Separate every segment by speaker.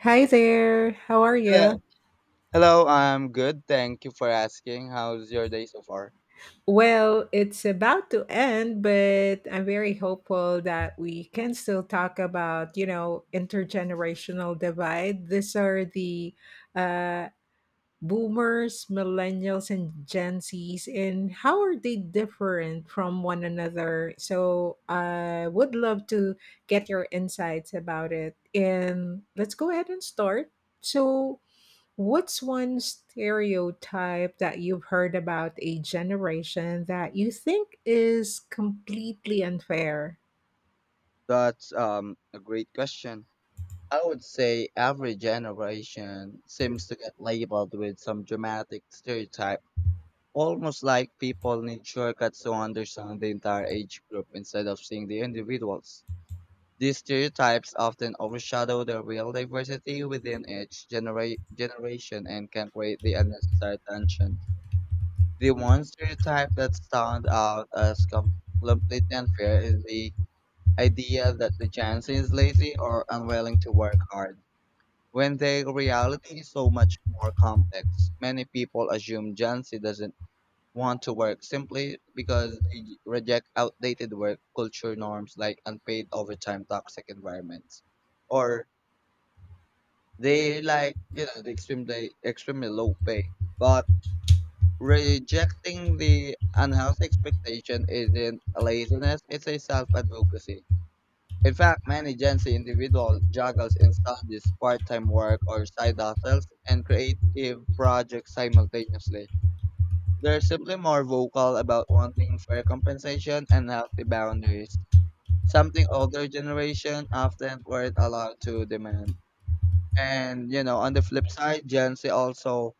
Speaker 1: Hi there, how are
Speaker 2: Hello.
Speaker 1: you?
Speaker 2: Hello, I'm good. Thank you for asking. How's your day so far?
Speaker 1: Well, it's about to end, but I'm very hopeful that we can still talk about, you know, intergenerational divide. These are the uh, boomers, millennials, and Gen Zs, and how are they different from one another? So I would love to get your insights about it. And let's go ahead and start. So, What's one stereotype that you've heard about a generation that you think is completely unfair?
Speaker 2: That's a great question. I would say every generation seems to get labeled with some dramatic stereotype, almost like people need shortcuts to understand the entire age group instead of seeing the individuals. These stereotypes often overshadow the real diversity within each generation and can create the unnecessary tension. The one stereotype that stands out as completely unfair is the idea that the Jansen is lazy or unwilling to work hard, when the reality is so much more complex. Many people assume Jansen doesn't want to work simply because they reject outdated work culture norms like unpaid overtime, toxic environments, or they like the extremely low pay. But rejecting the unhealthy expectation isn't laziness, it's a self-advocacy. In fact, many Gen Z individuals juggles in studies, part-time work, or side hustles and creative projects simultaneously. They're simply more vocal about wanting fair compensation and healthy boundaries, something older generation often weren't allowed to demand. And on the flip side, Gen Z also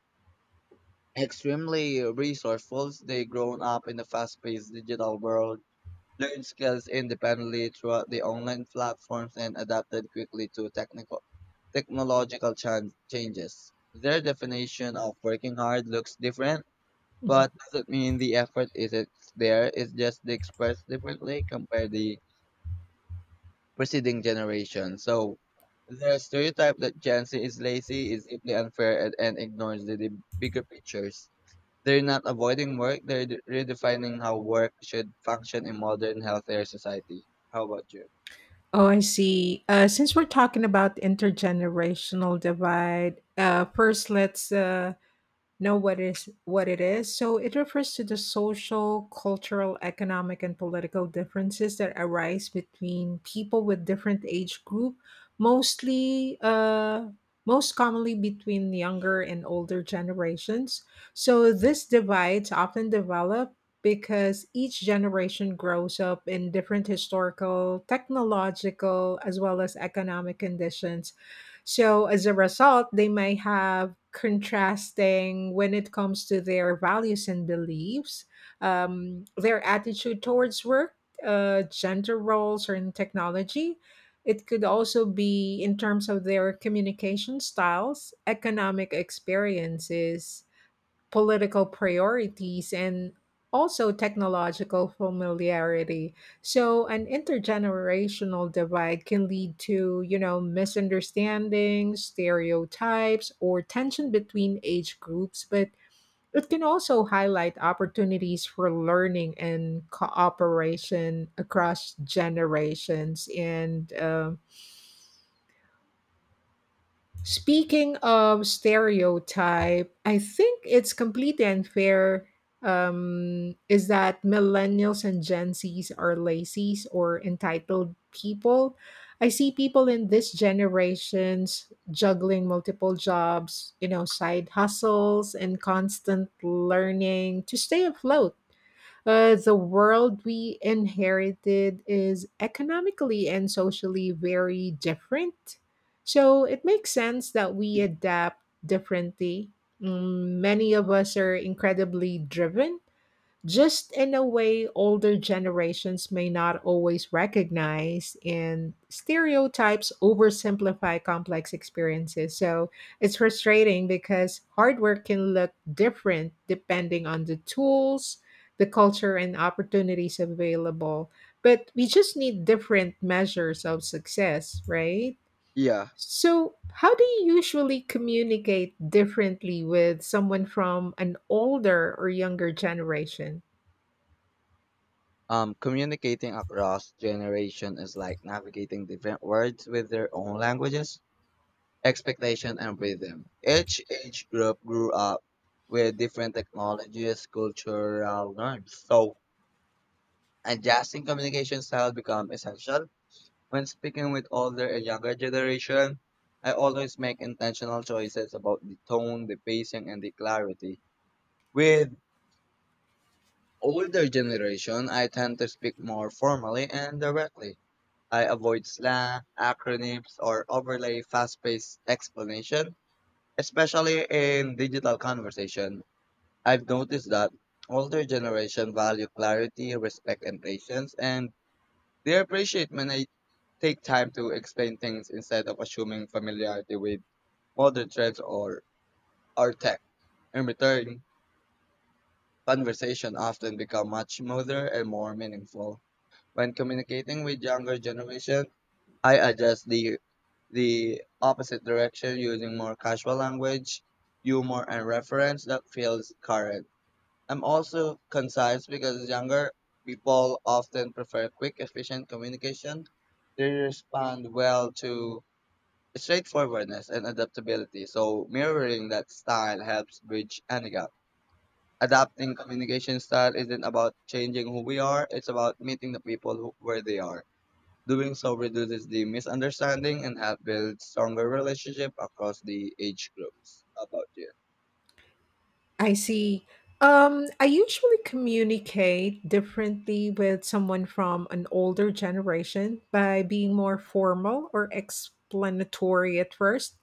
Speaker 2: extremely resourceful. They have grown up in the fast-paced digital world, learned skills independently throughout the online platforms, and adapted quickly to technical technological changes. Their definition of working hard looks different,
Speaker 1: Mhm.
Speaker 2: but doesn't mean the effort isn't there. It's just they express differently compared the preceding generation. So the stereotype that Gen Z is lazy is simply unfair and ignores the bigger pictures. They're not avoiding work, they're redefining how work should function in modern, healthier society. How about you?
Speaker 1: Oh, I see. Since we're talking about intergenerational divide, first let's know what it is. So it refers to the social, cultural, economic, and political differences that arise between people with different age group, mostly uh, most commonly between younger and older generations. So this divides often develop because each generation grows up in different historical, technological, as well as economic conditions, so as a result, they may have contrasting when it comes to their values and beliefs, their attitude towards work, gender roles, or in technology. It could also be in terms of their communication styles, economic experiences, political priorities, and also technological familiarity. So an intergenerational divide can lead to, you know, misunderstandings, stereotypes, or tension between age groups, but it can also highlight opportunities for learning and cooperation across generations. And Speaking of stereotype, I think it's completely unfair is that millennials and Gen Zs are lazy or entitled people. I see people in this generations juggling multiple jobs, you know, side hustles and constant learning to stay afloat. The world we inherited is economically and socially very different. So it makes sense that we adapt differently. Mm, many of us are incredibly driven just in a way older generations may not always recognize, and stereotypes oversimplify complex experiences, so it's frustrating because hardware can look different depending on the tools, the culture, and opportunities available, but we just need different measures of success, right?
Speaker 2: Yeah.
Speaker 1: So how do you usually communicate differently with someone from an older or younger generation?
Speaker 2: Communicating across generation is like navigating different words with their own languages, expectation, and rhythm. Each age group grew up with different technologies, cultural norms. So adjusting communication style become essential. When speaking with older and younger generation, I always make intentional choices about the tone, the pacing, and the clarity. With older generation, I tend to speak more formally and directly. I avoid slang, acronyms, or overly fast-paced explanation, especially in digital conversation. I've noticed that older generation value clarity, respect, and patience, and they appreciate when I take time to explain things instead of assuming familiarity with modern trends or our tech. In return, conversation often become much smoother and more meaningful. When communicating with younger generation, I adjust the opposite direction using more casual language, humor and reference that feels current. I'm also concise because younger people often prefer quick, efficient communication. They respond well to straightforwardness and adaptability. So mirroring that style helps bridge any gap. Adapting communication style isn't about changing who we are, it's about meeting the people who, where they are. Doing so reduces the misunderstanding and help build stronger relationship across the age groups. How about you?
Speaker 1: I see. I usually communicate differently with someone from an older generation by being more formal or explanatory at first,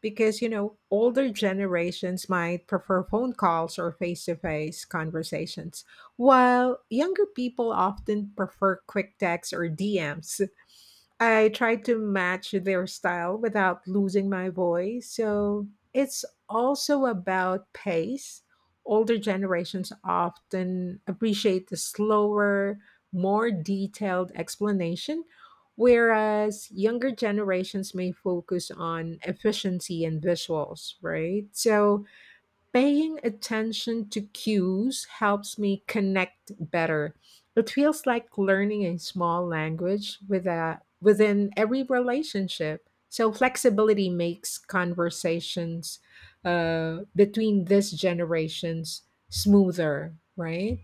Speaker 1: because, you know, older generations might prefer phone calls or face to face conversations, while younger people often prefer quick texts or DMs. I tried to match their style without losing my voice. So it's also about pace. Older generations often appreciate the slower, more detailed explanation, whereas younger generations may focus on efficiency and visuals, right? So paying attention to cues helps me connect better. It feels like learning a small language with a, within every relationship. So flexibility makes conversations between these generations smoother, right?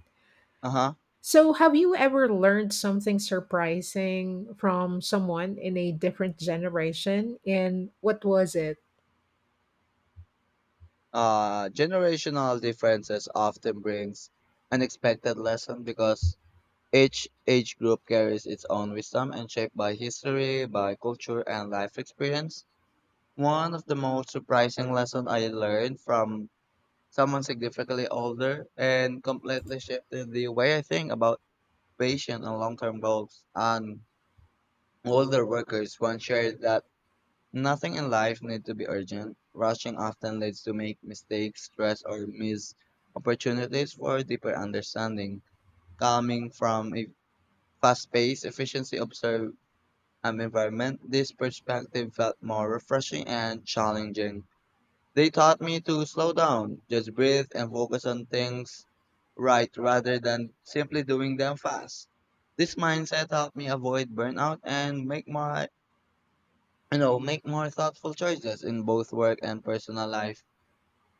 Speaker 2: Uh-huh.
Speaker 1: So have you ever learned something surprising from someone in a different generation? And what was it?
Speaker 2: Generational differences often brings unexpected lesson because each age group carries its own wisdom and shaped by history, by culture, and life experience. One of the most surprising lessons I learned from someone significantly older and completely shifted the way I think about patient and long-term goals and older workers. One shared that nothing in life needs to be urgent. Rushing often leads to make mistakes, stress, or miss opportunities for deeper understanding. Coming from a fast-paced, efficiency observed environment, this perspective felt more refreshing and challenging. They taught me to slow down, just breathe, and focus on things right rather than simply doing them fast. This mindset helped me avoid burnout and make my you know, make more thoughtful choices in both work and personal life.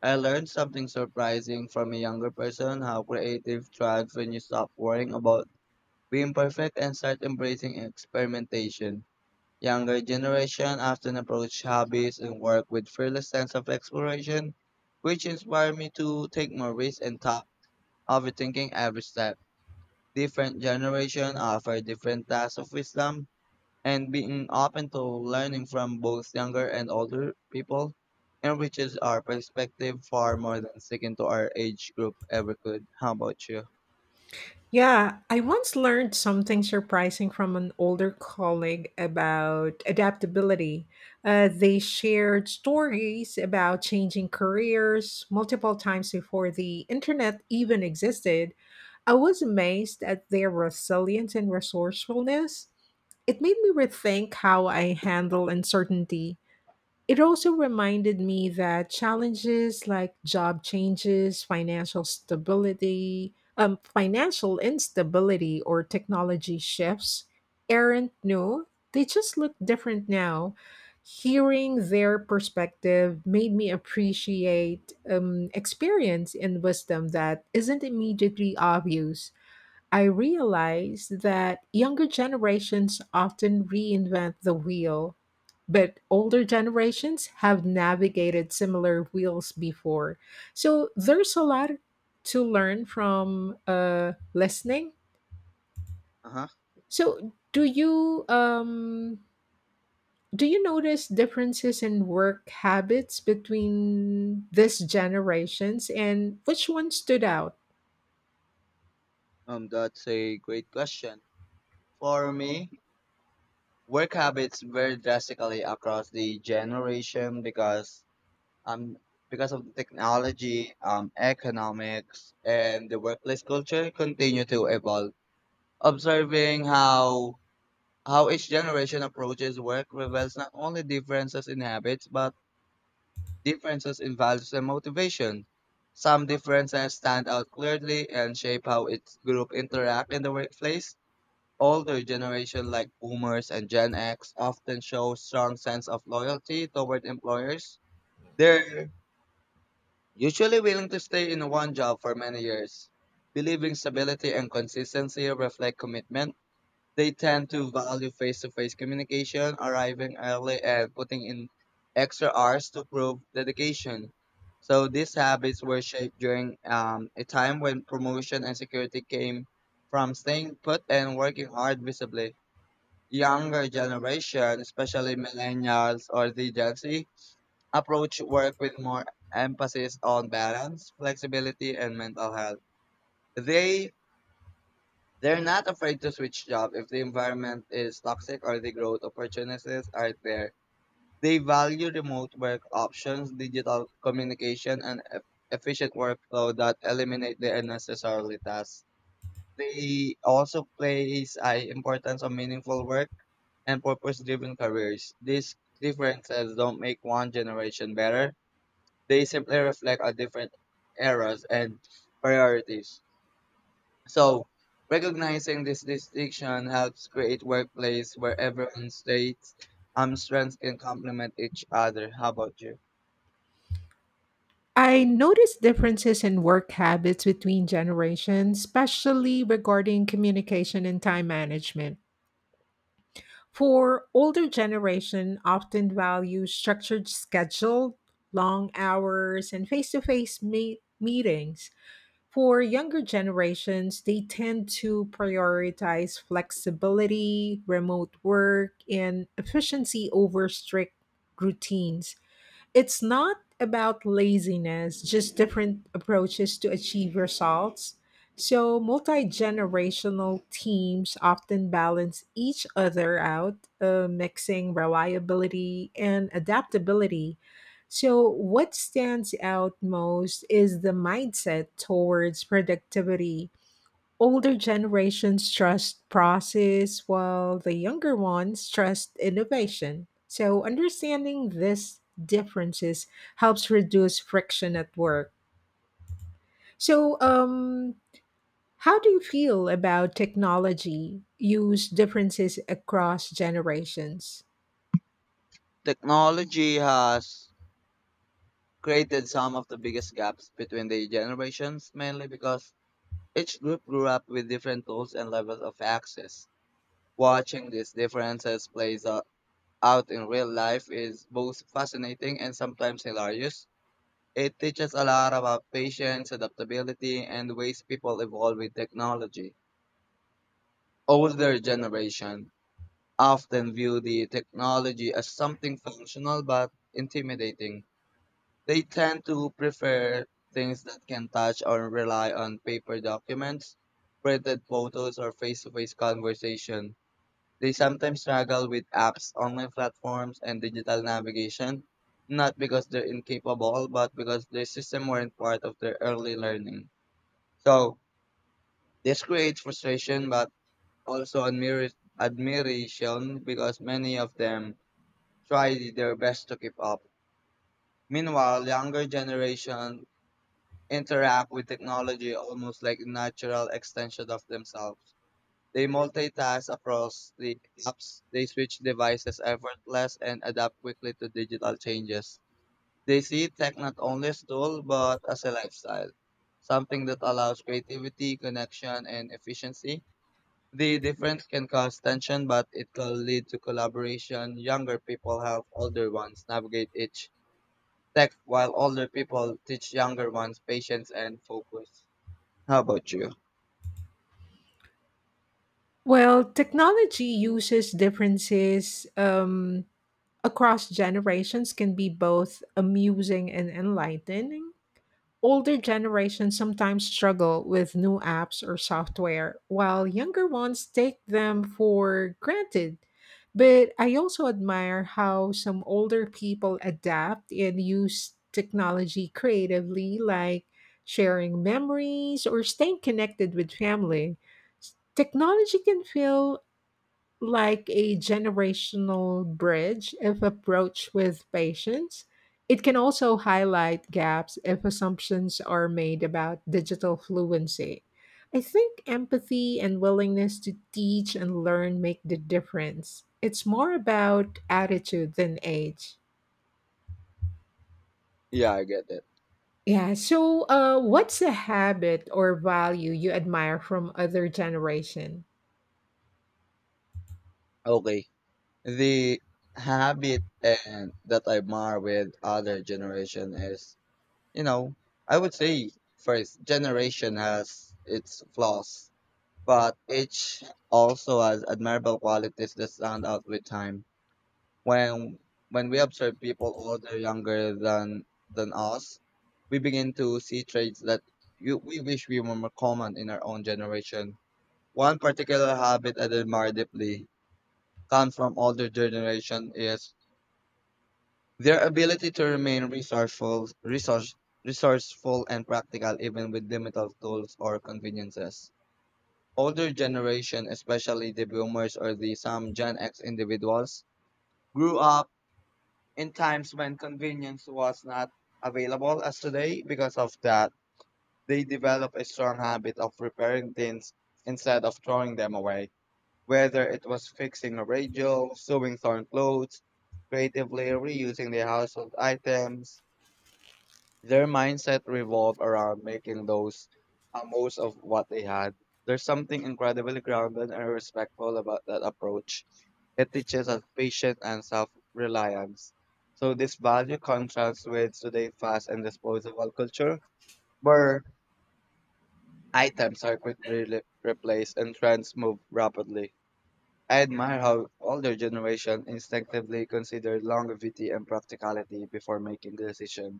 Speaker 2: I learned something surprising from a younger person how creative thrives when you stop worrying about being perfect and start embracing experimentation. Younger generation often approach hobbies and work with fearless sense of exploration, which inspired me to take more risks and stop overthinking every step. Different generation offer different tasks of wisdom, and being open to learning from both younger and older people enriches our perspective far more than sticking to our age group ever could. How about you?
Speaker 1: Yeah, I once learned something surprising from an older colleague about adaptability. They shared stories about changing careers multiple times before the internet even existed. I was amazed at their resilience and resourcefulness. It made me rethink how I handle uncertainty. It also reminded me that challenges like job changes, financial stability, financial instability, or technology shifts aren't new. They just look different now. Hearing their perspective made me appreciate experience and wisdom that isn't immediately obvious. I realize that younger generations often reinvent the wheel, but older generations have navigated similar wheels before. So there's a lot to learn from listening.
Speaker 2: Uh-huh.
Speaker 1: So do you notice differences in work habits between these generations, and which one stood out?
Speaker 2: That's a great question. For me, work habits vary drastically across the generation um, because of the technology, economics, and the workplace culture continue to evolve. Observing how each generation approaches work reveals not only differences in habits but differences in values and motivation. Some differences stand out clearly and shape how its group interact in the workplace. Older generation like Boomers and Gen X often show strong sense of loyalty toward employers. Their usually willing to stay in one job for many years. Believing stability and consistency reflect commitment. They tend to value face to face communication, arriving early, and putting in extra hours to prove dedication. So these habits were shaped during a time when promotion and security came from staying put and working hard visibly. Younger generation, especially millennials or the Gen Z, approach work with more emphasis on balance, flexibility, and mental health. They they're not afraid to switch jobs if the environment is toxic or the growth opportunities are there. They value remote work options, digital communication, and efficient workflow that eliminate the unnecessary tasks. They also place high importance on meaningful work and purpose-driven careers. These differences don't make one generation better. They simply reflect our different eras and priorities. So, recognizing this distinction helps create workplace where everyone's states strengths can complement each other. How about you?
Speaker 1: I noticed differences in work habits between generations, especially regarding communication and time management. For older generation often value structured schedule, long hours, and meetings. For younger generations, they tend to prioritize flexibility, remote work, and efficiency over strict routines. It's not about laziness, just different approaches to achieve results. So multi generational teams often balance each other out, mixing reliability and adaptability. So what stands out most is the mindset towards productivity. Older generations trust process, while the younger ones trust innovation. So understanding these differences helps reduce friction at work. So, um, how do you feel about technology use differences across generations?
Speaker 2: Technology has created some of the biggest gaps between the generations, mainly because each group grew up with different tools and levels of access. Watching these differences plays out in real life is both fascinating and sometimes hilarious. It teaches a lot about patience, adaptability, and ways people evolve with technology. Older generation often view the technology as something functional but intimidating. They tend to prefer things that can touch or rely on paper documents, printed photos, or face-to-face conversation. They sometimes struggle with apps, online platforms, and digital navigation, not because they're incapable, but because their system weren't part of their early learning. So this creates frustration, but also admiration because many of them try their best to keep up. Meanwhile, younger generation interact with technology almost like a natural extension of themselves. They multitask across the apps. They switch devices effortless and adapt quickly to digital changes. They see tech not only as tool but as a lifestyle, something that allows creativity, connection, and efficiency. The difference can cause tension, but it can lead to collaboration. Younger people help older ones navigate each tech, while older people teach younger ones patience and focus. How about you?
Speaker 1: Well, technology uses differences across generations can be both amusing and enlightening. Older generations sometimes struggle with new apps or software, while younger ones take them for granted. But I also admire how some older people adapt and use technology creatively, like sharing memories or staying connected with family. Technology can feel like a generational bridge if approached with patience. It can also highlight gaps if assumptions are made about digital fluency. I think empathy and willingness to teach and learn make the difference. It's more about attitude than age.
Speaker 2: Yeah, I get it.
Speaker 1: Yeah, so what's a habit or value you admire from other generation?
Speaker 2: Okay. The habit and that I admire with other generation is, you know, I would say first generation has its flaws, but each also has admirable qualities that stand out with time. When when we observe people older, younger than us, we begin to see traits that we wish we were more common in our own generation. One particular habit I admire deeply gone from older generation is their ability to remain resourceful and practical even with limited tools or conveniences. Older generation, especially the boomers or the some Gen X individuals, grew up in times when convenience was not available as today. Because of that, they develop a strong habit of repairing things instead of throwing them away. Whether it was fixing a radio, sewing torn clothes, creatively reusing their household items, their mindset revolved around making those most of what they had. There's something incredibly grounded and respectful about that approach. It teaches us patience and self-reliance. So this value contrasts with today's fast and disposable culture, where items are quickly replaced and trends move rapidly. I admire how older generation instinctively consider longevity and practicality before making the decision.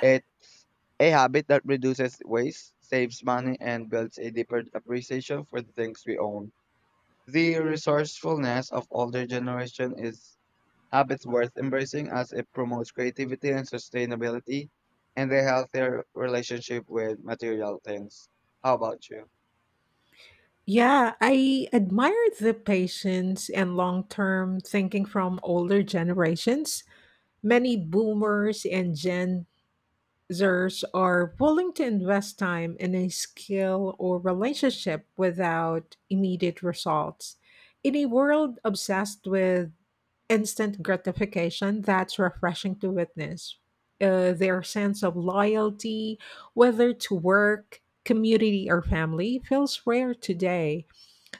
Speaker 2: It's a habit that reduces waste, saves money, and builds a deeper appreciation for the things we own. The resourcefulness of older generation is habits worth embracing as it promotes creativity and sustainability and a healthier relationship with material things. How about you?
Speaker 1: Yeah, I admire the patience and long term thinking from older generations. Many boomers and Gen Zers are willing to invest time in a skill or relationship without immediate results. In a world obsessed with instant gratification, that's refreshing to witness. Their sense of loyalty, whether to work, community, or family, feels rare today.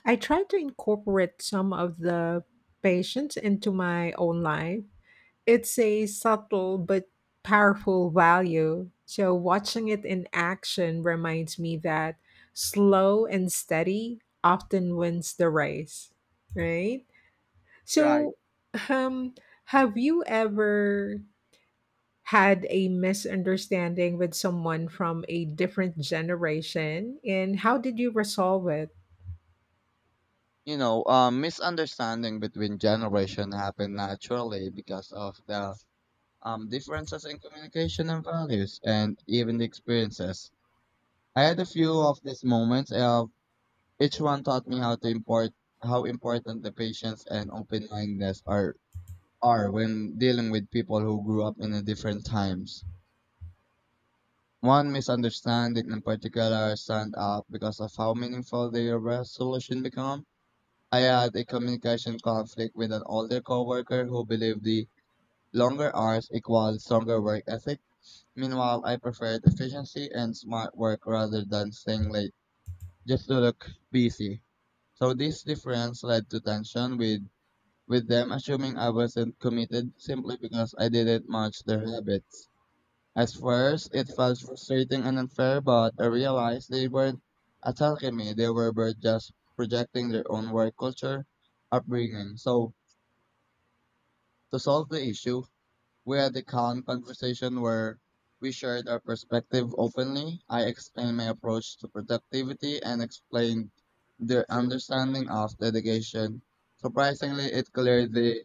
Speaker 1: I try to incorporate some of the patience into my own life. It's a subtle but powerful value. So watching it in action reminds me that slow and steady often wins the race, right?
Speaker 2: Right.
Speaker 1: So, um, have you ever had a misunderstanding with someone from a different generation, and how did you resolve it?
Speaker 2: Misunderstanding between generation happen naturally because of the differences in communication and values and even the experiences. I had a few of these moments. Each one taught me how important the patience and open mindedness are when dealing with people who grew up in a different times. One misunderstanding in particular stand out because of how meaningful their resolution become. I had a communication conflict with an older coworker who believed the longer hours equaled stronger work ethic. Meanwhile, I preferred efficiency and smart work rather than staying late just to look busy. So this difference led to tension with them assuming I wasn't committed simply because I didn't match their habits. At first, it felt frustrating and unfair, but I realized they weren't attacking me. They were but just projecting their own work culture, upbringing. So, to solve the issue, we had a calm conversation where we shared our perspective openly. I explained my approach to productivity and explained their understanding of dedication. Surprisingly, it cleared the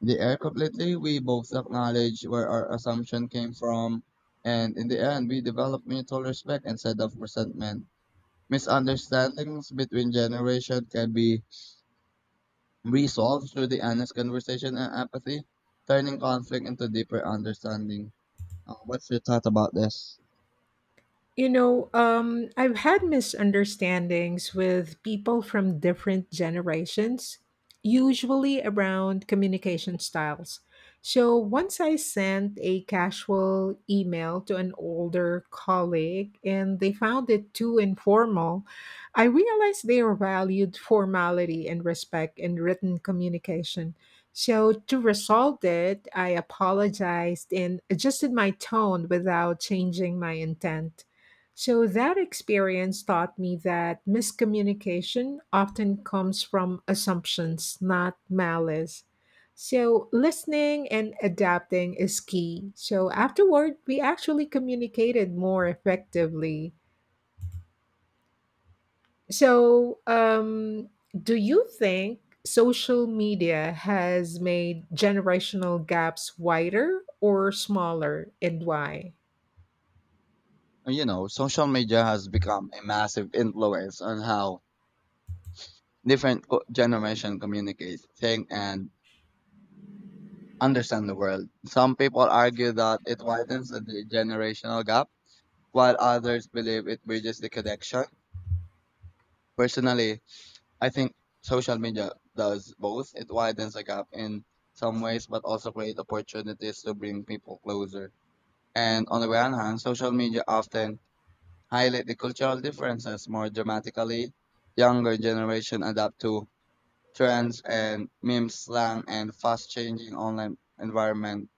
Speaker 2: the air completely. We both acknowledge where our assumption came from, and in the end, we develop mutual respect instead of resentment. Misunderstandings between generations can be resolved through the honest conversation and empathy, turning conflict into deeper understanding. What's your thought about this?
Speaker 1: You know, I've had misunderstandings with people from different generations, usually around communication styles. So once I sent a casual email to an older colleague and they found it too informal, I realized they valued formality and respect in written communication. So to resolve it, I apologized and adjusted my tone without changing my intent. So that experience taught me that miscommunication often comes from assumptions, not malice. So listening and adapting is key. So afterward, we actually communicated more effectively. So, um, do you think social media has made generational gaps wider or smaller, and why?
Speaker 2: Social media has become a massive influence on how different generation communicate, think, and understand the world. Some people argue that it widens the generational gap, while others believe it bridges the connection. Personally, I think social media does both. It widens the gap in some ways, but also create opportunities to bring people closer. And on the one hand, social media often highlight the cultural differences more dramatically. Younger generation adapt to trends and memes, slang, and fast-changing online environment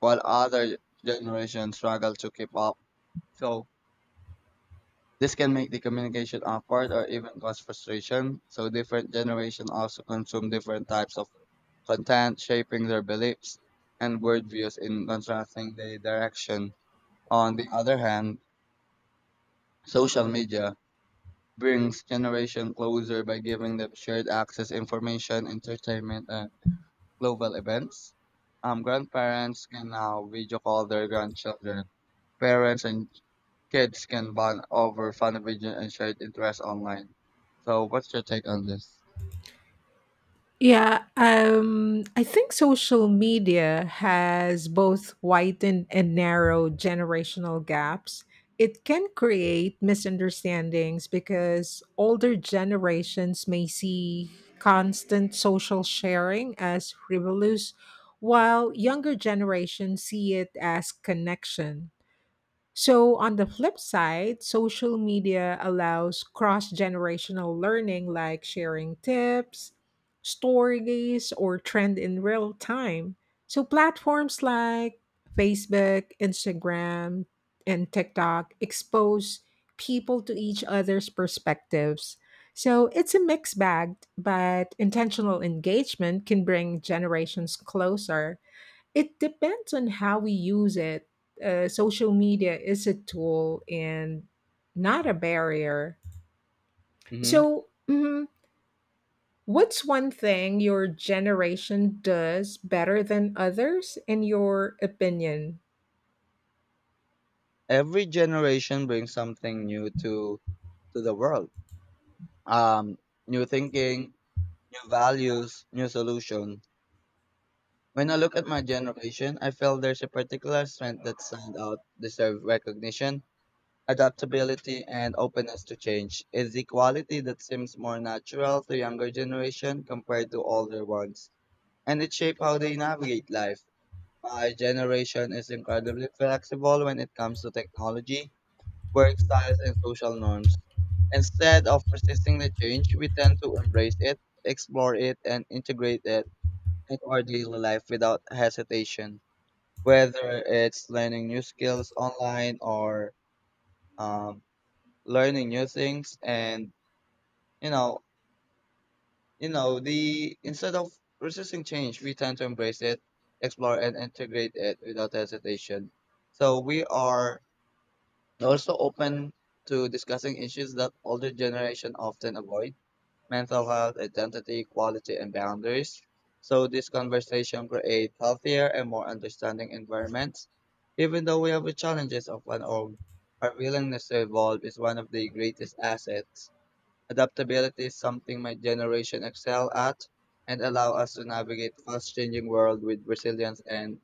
Speaker 2: while other generations struggle to keep up. So this can make the communication awkward or even cause frustration. So different generations also consume different types of content, shaping their beliefs and worldviews in contrasting the direction. On the other hand, social media brings generation closer by giving them shared access information, entertainment, and global events. Grandparents can now video call their grandchildren. Parents and kids can bond over fun vision and shared interests online. So, what's your take on this?
Speaker 1: Yeah, I think social media has both widened and narrowed generational gaps. It can create misunderstandings because older generations may see constant social sharing as frivolous, while younger generations see it as connection. So on the flip side, social media allows cross generational learning, like sharing tips, stories, or trend in real time. So platforms like Facebook, Instagram, and TikTok expose people to each other's perspectives. So it's a mixed bag, but intentional engagement can bring generations closer. It depends on how we use it. Social media is a tool and not a barrier.
Speaker 2: Hmm.
Speaker 1: So, what's one thing your generation does better than others, in your opinion?
Speaker 2: Every generation brings something new to the world. Um, New thinking, new values, new solution. When I look at my generation, I feel there's a particular strength that stands out, deserve recognition, adaptability, and openness to change. It's the quality that seems more natural to younger generation compared to older ones, and it shapes how they navigate life. My generation is incredibly flexible when it comes to technology, work styles, and social norms. Instead of resisting the change, we tend to embrace it, explore it, and integrate it into our daily life without hesitation. Whether it's learning new skills online or um, learning new things, and you know, you know, the instead of resisting change, we tend to embrace it, explore, and integrate it without hesitation. So we are also open to discussing issues that older generation often avoid mental health identity equality and boundaries. So this conversation create healthier and more understanding environments. Even though we have the challenges of our own, our willingness to evolve is one of the greatest assets. Adaptability is something my generation excel at and allow us to navigate fast changing world with resilience and,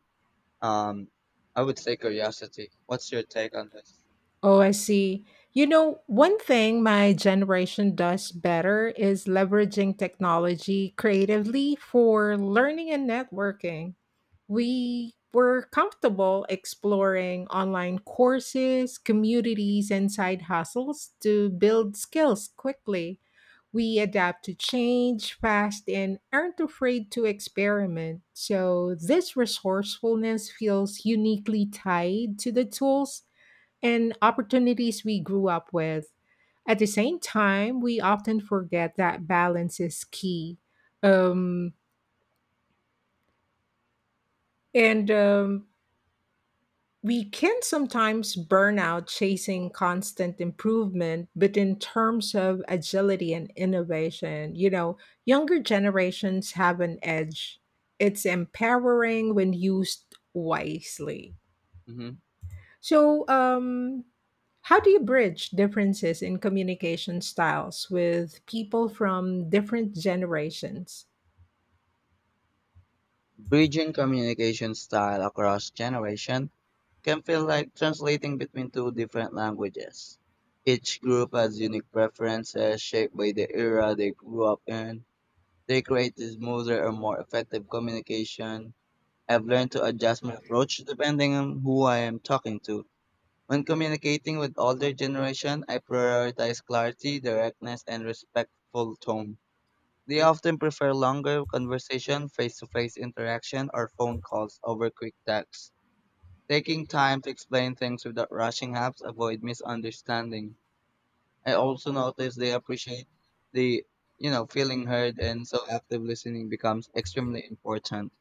Speaker 2: um, I would say curiosity. What's your take on this?
Speaker 1: Oh, I see. You know, one thing my generation does better is leveraging technology creatively for learning and networking. We were comfortable exploring online courses, communities, and side hustles to build skills quickly. We adapt to change fast and aren't afraid to experiment. So this resourcefulness feels uniquely tied to the tools and opportunities we grew up with. At the same time, we often forget that balance is key. Um, and We can sometimes burn out chasing constant improvement, but in terms of agility and innovation, you know, younger generations have an edge. It's empowering when used wisely.
Speaker 2: Hmm.
Speaker 1: So, how do you bridge differences in communication styles with people from different generations?
Speaker 2: Bridging communication style across generations can feel like translating between two different languages. Each group has unique preferences shaped by the era they grew up in. They create a smoother or more effective communication. I've learned to adjust my approach depending on who I am talking to. When communicating with older generation, I prioritize clarity, directness, and respectful tone. They often prefer longer conversation, face-to-face interaction, or phone calls over quick texts. Taking time to explain things without rushing helps avoid misunderstanding. I also notice they appreciate the, feeling heard, and so active listening becomes extremely important.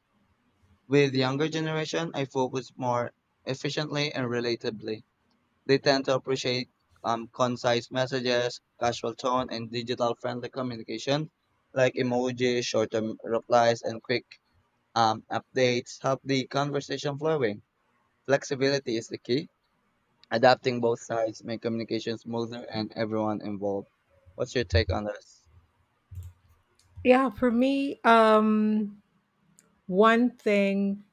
Speaker 2: With younger generation, I focus more efficiently and relatably. They tend to appreciate concise messages, casual tone, and digital friendly communication like emojis, short term replies, and quick updates help the conversation flowing. Flexibility is the key. Adapting both sides make communication smoother and everyone involved. What's your take on this?
Speaker 1: Yeah, for me, one thing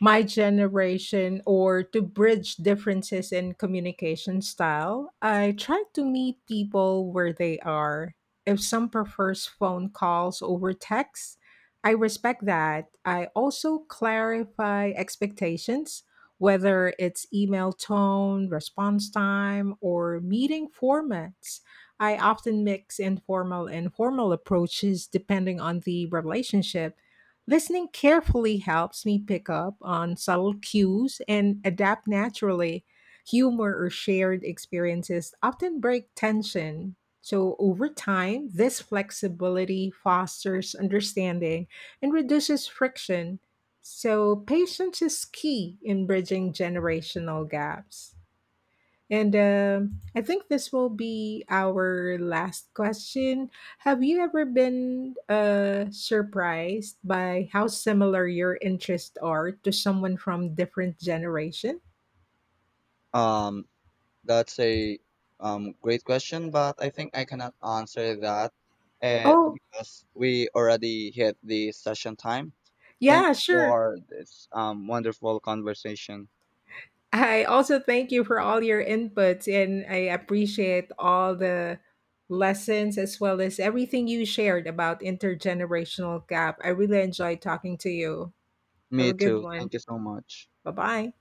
Speaker 1: my generation or to bridge differences in communication style, I try to meet people where they are. If some prefers phone calls over texts, I respect that. I also clarify expectations, whether it's email tone, response time, or meeting formats. I often mix informal and formal approaches depending on the relationship. Listening carefully helps me pick up on subtle cues and adapt naturally. Humor or shared experiences often break tension. So over time, this flexibility fosters understanding and reduces friction. So patience is key in bridging generational gaps. And I think this will be our last question. Have you ever been surprised by how similar your interests are to someone from different generation?
Speaker 2: Um, That's a great question, but I think I cannot answer that
Speaker 1: Oh,
Speaker 2: because we already hit the session time. Thank
Speaker 1: yeah,
Speaker 2: you
Speaker 1: sure.
Speaker 2: for this wonderful conversation.
Speaker 1: I also thank you for all your inputs and I appreciate all the lessons as well as everything you shared about intergenerational gap. I really enjoyed talking to you.
Speaker 2: Me
Speaker 1: Have a good
Speaker 2: too.
Speaker 1: one.
Speaker 2: Thank you so much.
Speaker 1: Bye-bye.